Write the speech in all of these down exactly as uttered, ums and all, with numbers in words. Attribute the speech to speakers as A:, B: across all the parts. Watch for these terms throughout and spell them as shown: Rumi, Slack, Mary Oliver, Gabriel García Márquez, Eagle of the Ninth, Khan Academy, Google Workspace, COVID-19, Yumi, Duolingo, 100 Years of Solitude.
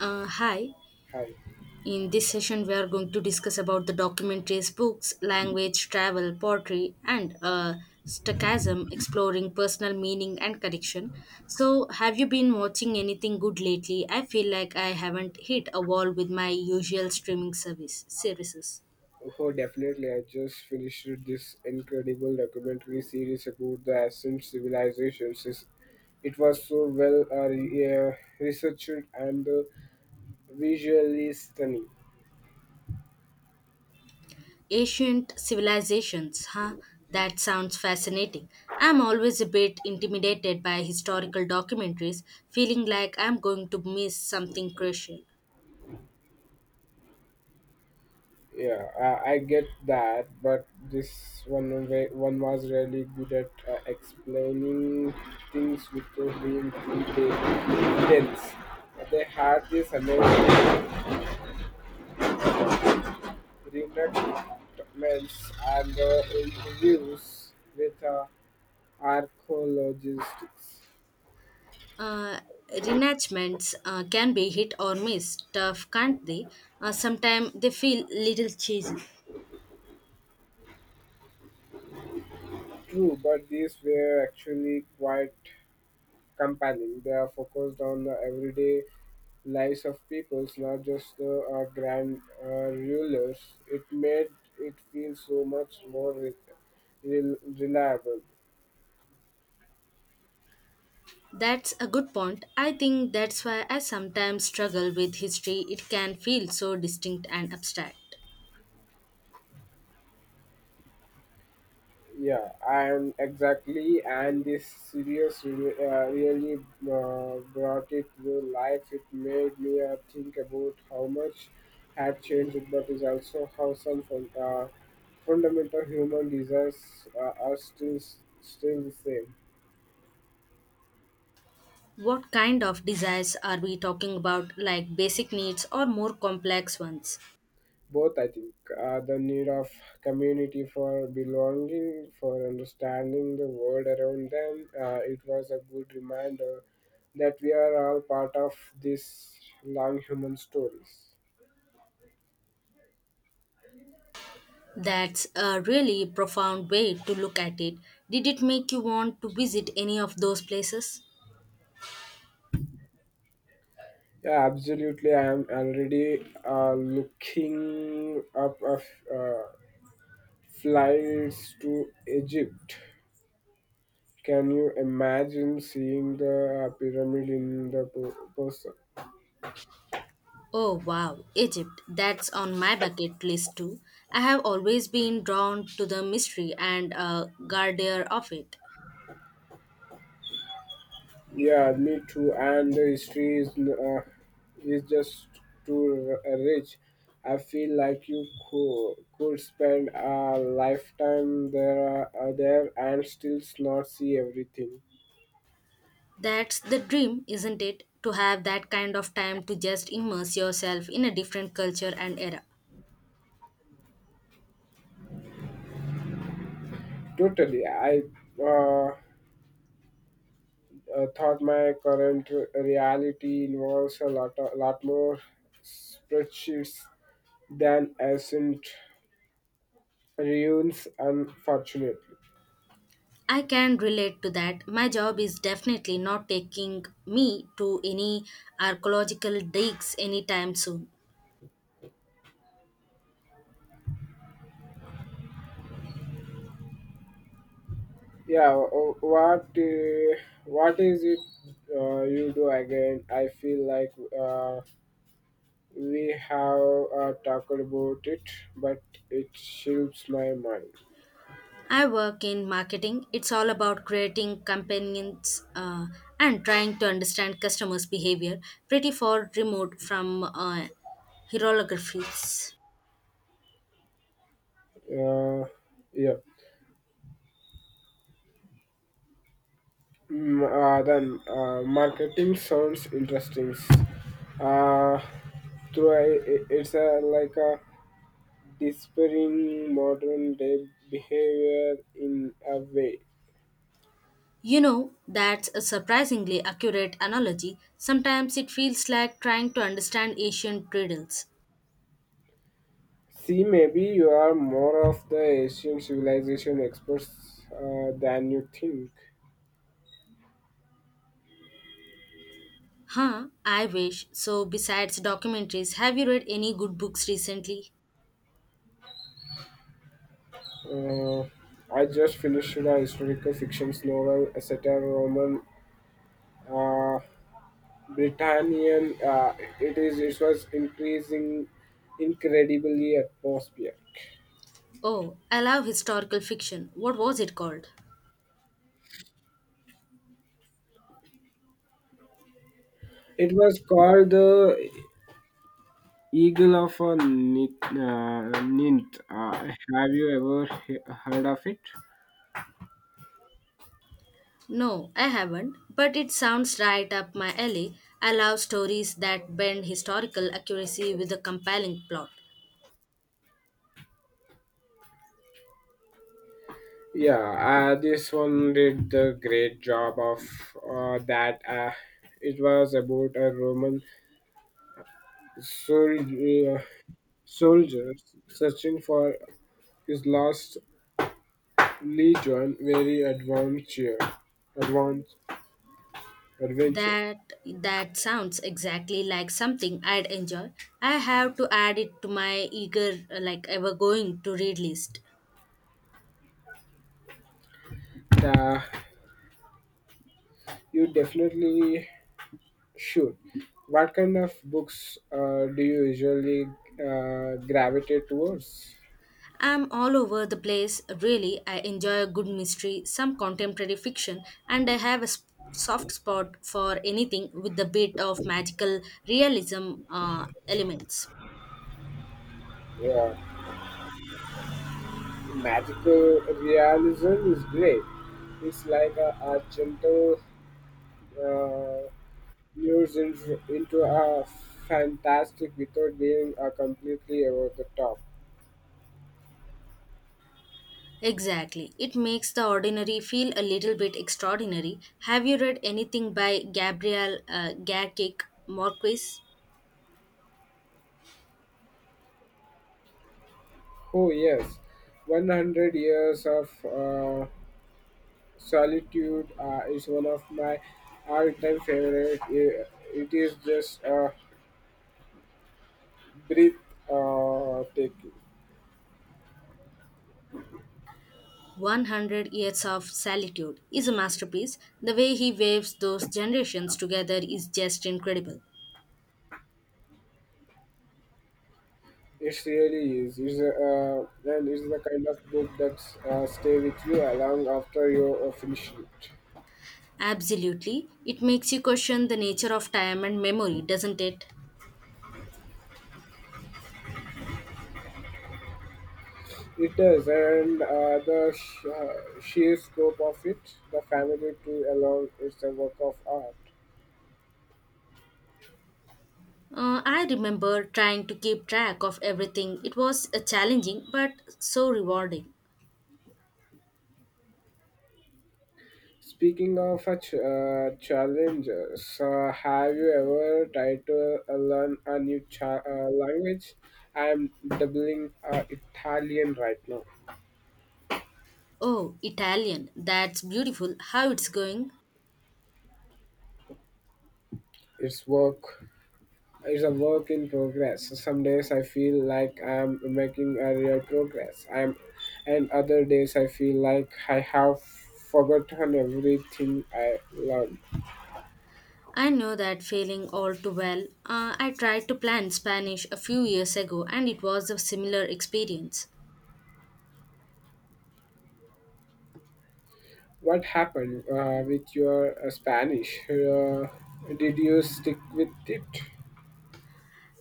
A: Uh, hi.
B: Hi.
A: In this session, we are going to discuss about the documentaries, books, language, travel, poetry, and uh, stochasm, exploring personal meaning and connection. So, have you been watching anything good lately? I feel like I haven't hit a wall with my usual streaming service services.
B: Oh, definitely. I just finished this incredible documentary series about the ancient civilizations. It's- It was so well uh, re- uh, researched and uh, visually stunning.
A: Ancient civilizations, huh? That sounds fascinating. I'm always a bit intimidated by historical documentaries, feeling like I'm going to miss something crucial.
B: Yeah, I, I get that, but this one wa- one was really good at uh, explaining things without being too de- dense. They had this amazing Reenactments and the interviews with the archaeologists.
A: Uh, Reenactments uh, can be hit or miss, tough, can't they? Uh, sometimes they feel little cheesy.
B: True, but these were actually quite compelling. They are focused on the everyday lives of peoples, not just the uh, grand uh, rulers. It made it feel so much more re- rel- reliable.
A: That's a good point. I think that's why I sometimes struggle with history. It can feel so distinct and abstract.
B: Yeah, and exactly, and this series re- uh, really uh, brought it to life. It made me uh, think about how much had changed, but is also how some fun- uh, fundamental human desires uh, are still still the same.
A: What kind of desires are we talking about, like basic needs or more complex ones?
B: Both I think, uh, the need of community for belonging for understanding the world around them, uh, it was a good reminder that we are all part of this long human stories.
A: That's a really profound way to look at it. Did it make you want to visit any of those places?
B: Yeah, absolutely. I am already uh, looking up of uh, flights to Egypt. Can you imagine seeing the uh, pyramid in the po- person?
A: Oh wow, Egypt. That's on my bucket list too. I have always been drawn to the mystery and uh, grandeur of it.
B: Yeah, me too. And the history is uh, is just too r- rich. I feel like you could, could spend a lifetime there uh, there and still not see everything.
A: That's the dream, isn't it? To have that kind of time to just immerse yourself in a different culture and era.
B: Totally. I uh, uh, thought my current r- reality involves a lot a lot more spreadsheets than ancient ruins, unfortunately.
A: I can relate to that. My job is definitely not taking me to any archaeological digs anytime soon.
B: Yeah, wh- what uh, what is it uh, you do again? I feel like, uh, we have uh, talked about it, but it shifts my mind.
A: I work in marketing. It's all about creating campaigns uh, and trying to understand customers' behavior, pretty far remote from uh, hieroglyphics.
B: Uh, yeah. Mm, uh, then uh, marketing sounds interesting. Uh, Through a, it's a, like a disappearing modern day behavior in a way.
A: You know, that's a surprisingly accurate analogy. Sometimes it feels like trying to understand ancient riddles.
B: See, maybe you are more of the Asian civilization experts uh, than you think.
A: Huh, I wish. So, besides documentaries, have you read any good books recently?
B: Uh, I just finished a historical fiction novel, a satire Roman, uh, Britannian. Uh, it is. It was increasing, incredibly atmospheric.
A: Oh, I love historical fiction. What was it called?
B: It was called the Eagle of a Nint. Uh, Nint. Uh, have you ever he- heard of it?
A: No, I haven't, but it sounds right up my alley. I love stories that bend historical accuracy with a compelling plot.
B: Yeah, uh, this one did the great job of uh, that. Uh, it was about a Roman sol- uh, soldier searching for his lost legion. Very adventure, advance, adventure.
A: That that sounds exactly like something I'd enjoy. I have to add it to my eager uh, like ever going to read list.
B: Uh, you definitely should. What kind of books uh, do you usually uh, gravitate towards?
A: I'm all over the place. Really, I enjoy a good mystery, some contemporary fiction, and I have a sp- soft spot for anything with a bit of magical realism uh, elements.
B: Yeah, magical realism is great. It's like a, a gentle uh, lures into, into a fantastic without being a completely over the top.
A: Exactly. It makes the ordinary feel a little bit extraordinary. Have you read anything by Gabriel uh, Garcic Marquez?
B: Oh yes, one hundred years of uh, solitude uh, is one of my all-time favorite. It it is just a breath uh, taking.
A: one hundred Years of Solitude is a masterpiece. The way he waves those generations together is just incredible.
B: It really is. It's a, uh, and it's the kind of book that uh, stay with you long after you uh, finish it.
A: Absolutely. It makes you question the nature of time and memory, doesn't it?
B: It does, and uh, the sh- uh, sheer scope of it, the family to along, it's a work of art.
A: Uh, I remember trying to keep track of everything. It was uh, challenging but so rewarding.
B: Speaking of a ch- uh, challenges, uh, have you ever tried to uh, learn a new cha- uh, language? I'm doubling uh, Italian right now.
A: Oh, Italian. That's beautiful. How it's going?
B: It's work. It's a work in progress. Some days I feel like I'm making a real progress. I'm, and other days I feel like I have forgotten everything I learned.
A: I know that feeling all too well. Uh, I tried to plan Spanish a few years ago and it was a similar experience.
B: What happened uh, with your uh, Spanish? Uh, did you stick with it?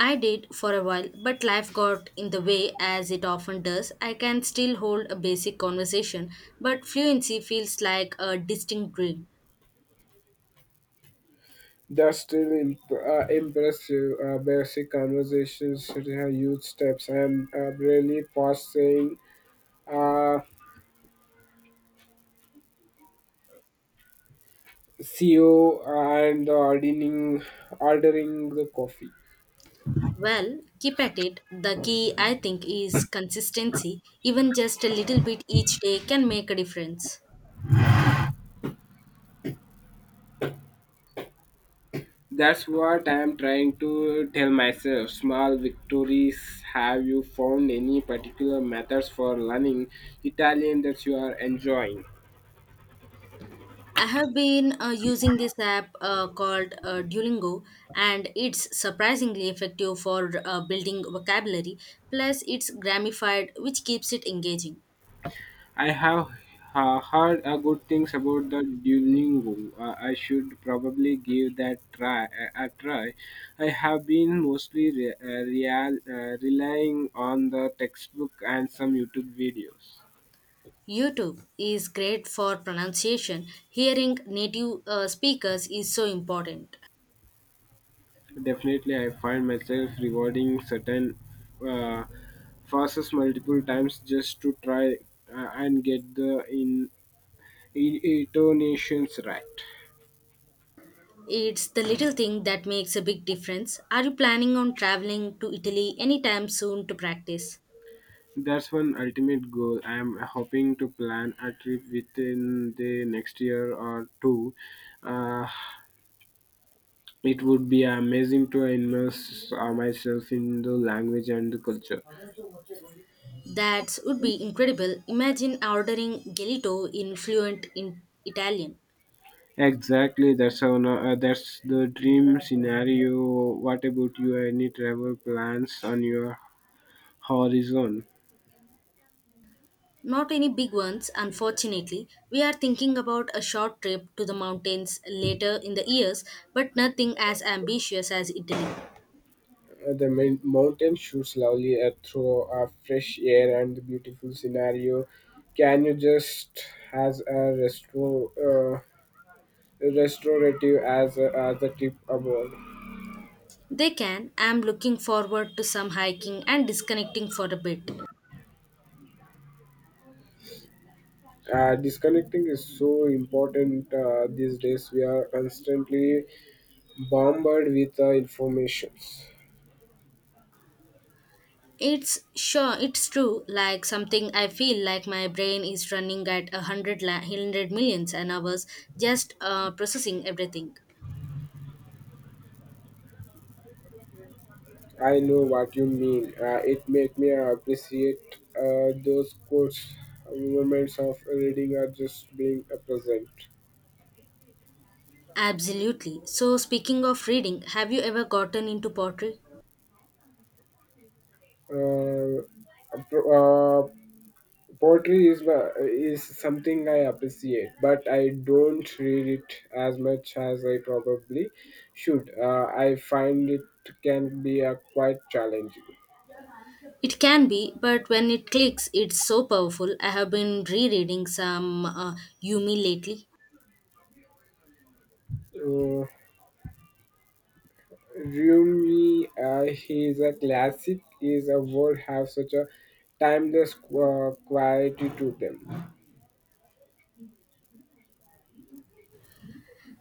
A: I did for a while, but life got in the way as it often does. I can still hold a basic conversation, but fluency feels like a distinct dream.
B: That's still imp- uh, impressive. Uh, basic conversations are huge steps, and uh, really past saying uh, see you uh, and ordering ordering the coffee.
A: Well, keep at it. The key, I think, is consistency. Even just a little bit each day can make a difference.
B: That's what I'm trying to tell myself. Small victories. Have you found any particular methods for learning Italian that you are enjoying?
A: I have been uh, using this app uh, called uh, Duolingo, and it's surprisingly effective for uh, building vocabulary. Plus, it's gamified, which keeps it engaging.
B: I have uh, heard uh, good things about the Duolingo. Uh, I should probably give that try a, a try. I have been mostly re- uh, real, uh, relying on the textbook and some YouTube videos.
A: YouTube is great for pronunciation. Hearing native uh, speakers is so important.
B: Definitely, I find myself rewarding certain uh, passes multiple times just to try uh, and get the in, in intonations right.
A: It's the little thing that makes a big difference. Are you planning on traveling to Italy anytime soon to practice?
B: That's one ultimate goal. I am hoping to plan a trip within the next year or two. Uh, it would be amazing to immerse uh, myself in the language and the culture.
A: That would be incredible. Imagine ordering gelato in fluent in Italian.
B: Exactly, that's on, uh, that's the dream scenario. What about you? Any travel plans on your horizon?
A: Not any big ones, unfortunately. We are thinking about a short trip to the mountains later in the years, but nothing as ambitious as Italy.
B: Uh, The mil- mountain shoots slowly uh, through a fresh air and the beautiful scenario. Can you just has a restro, uh, restorative as a, as a tip above?
A: They can. I'm looking forward to some hiking and disconnecting for a bit.
B: Uh, disconnecting is so important uh, these days. We are constantly bombarded with uh, informations.
A: It's sure it's true like something I feel like my brain is running at a hundred la- hundred millions an hours just uh, processing everything.
B: I know what you mean. Uh, it made me appreciate uh, those quotes, moments of reading are just being a present.
A: Absolutely. So speaking of reading, have you ever gotten into pottery?
B: Uh, uh, Poetry is my- is something I appreciate, but I don't read it as much as I probably should. Uh, I find it can be a quite challenging.
A: It can be, but when it clicks, it's so powerful. I have been rereading some uh, Yumi lately.
B: Uh, Rumi, uh, he is a classic. His a world have such a timeless qu- quality to them.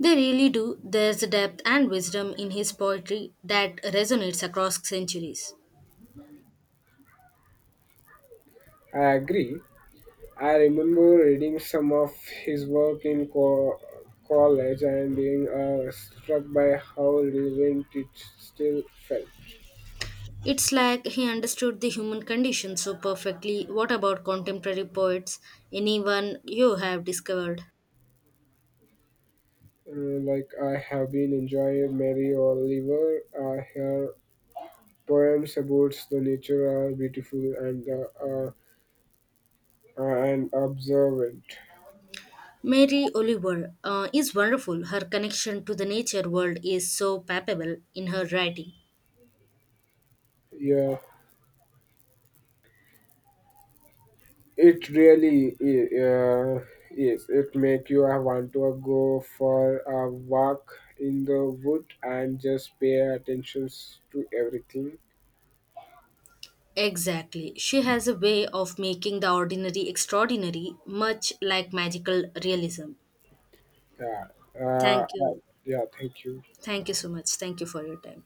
A: They really do. There's a depth and wisdom in his poetry that resonates across centuries.
B: I agree. I remember reading some of his work in co- college and being uh, struck by how relevant it still felt.
A: It's like he understood the human condition so perfectly. What about contemporary poets? Anyone you have discovered?
B: Uh, like I have been enjoying Mary Oliver. Uh, her poems about the nature are beautiful and uh, uh, and observant.
A: Mary Oliver uh, is wonderful. Her connection to the nature world is so palpable in her writing.
B: Yeah, it really i- uh, is. It make you uh, want to go for a walk in the wood and just pay attention to everything.
A: Exactly. She has a way of making the ordinary extraordinary, much like magical realism.
B: Yeah. Uh, uh,
A: Thank you.
B: yeah. Thank you.
A: Thank you so much. Thank you for your time.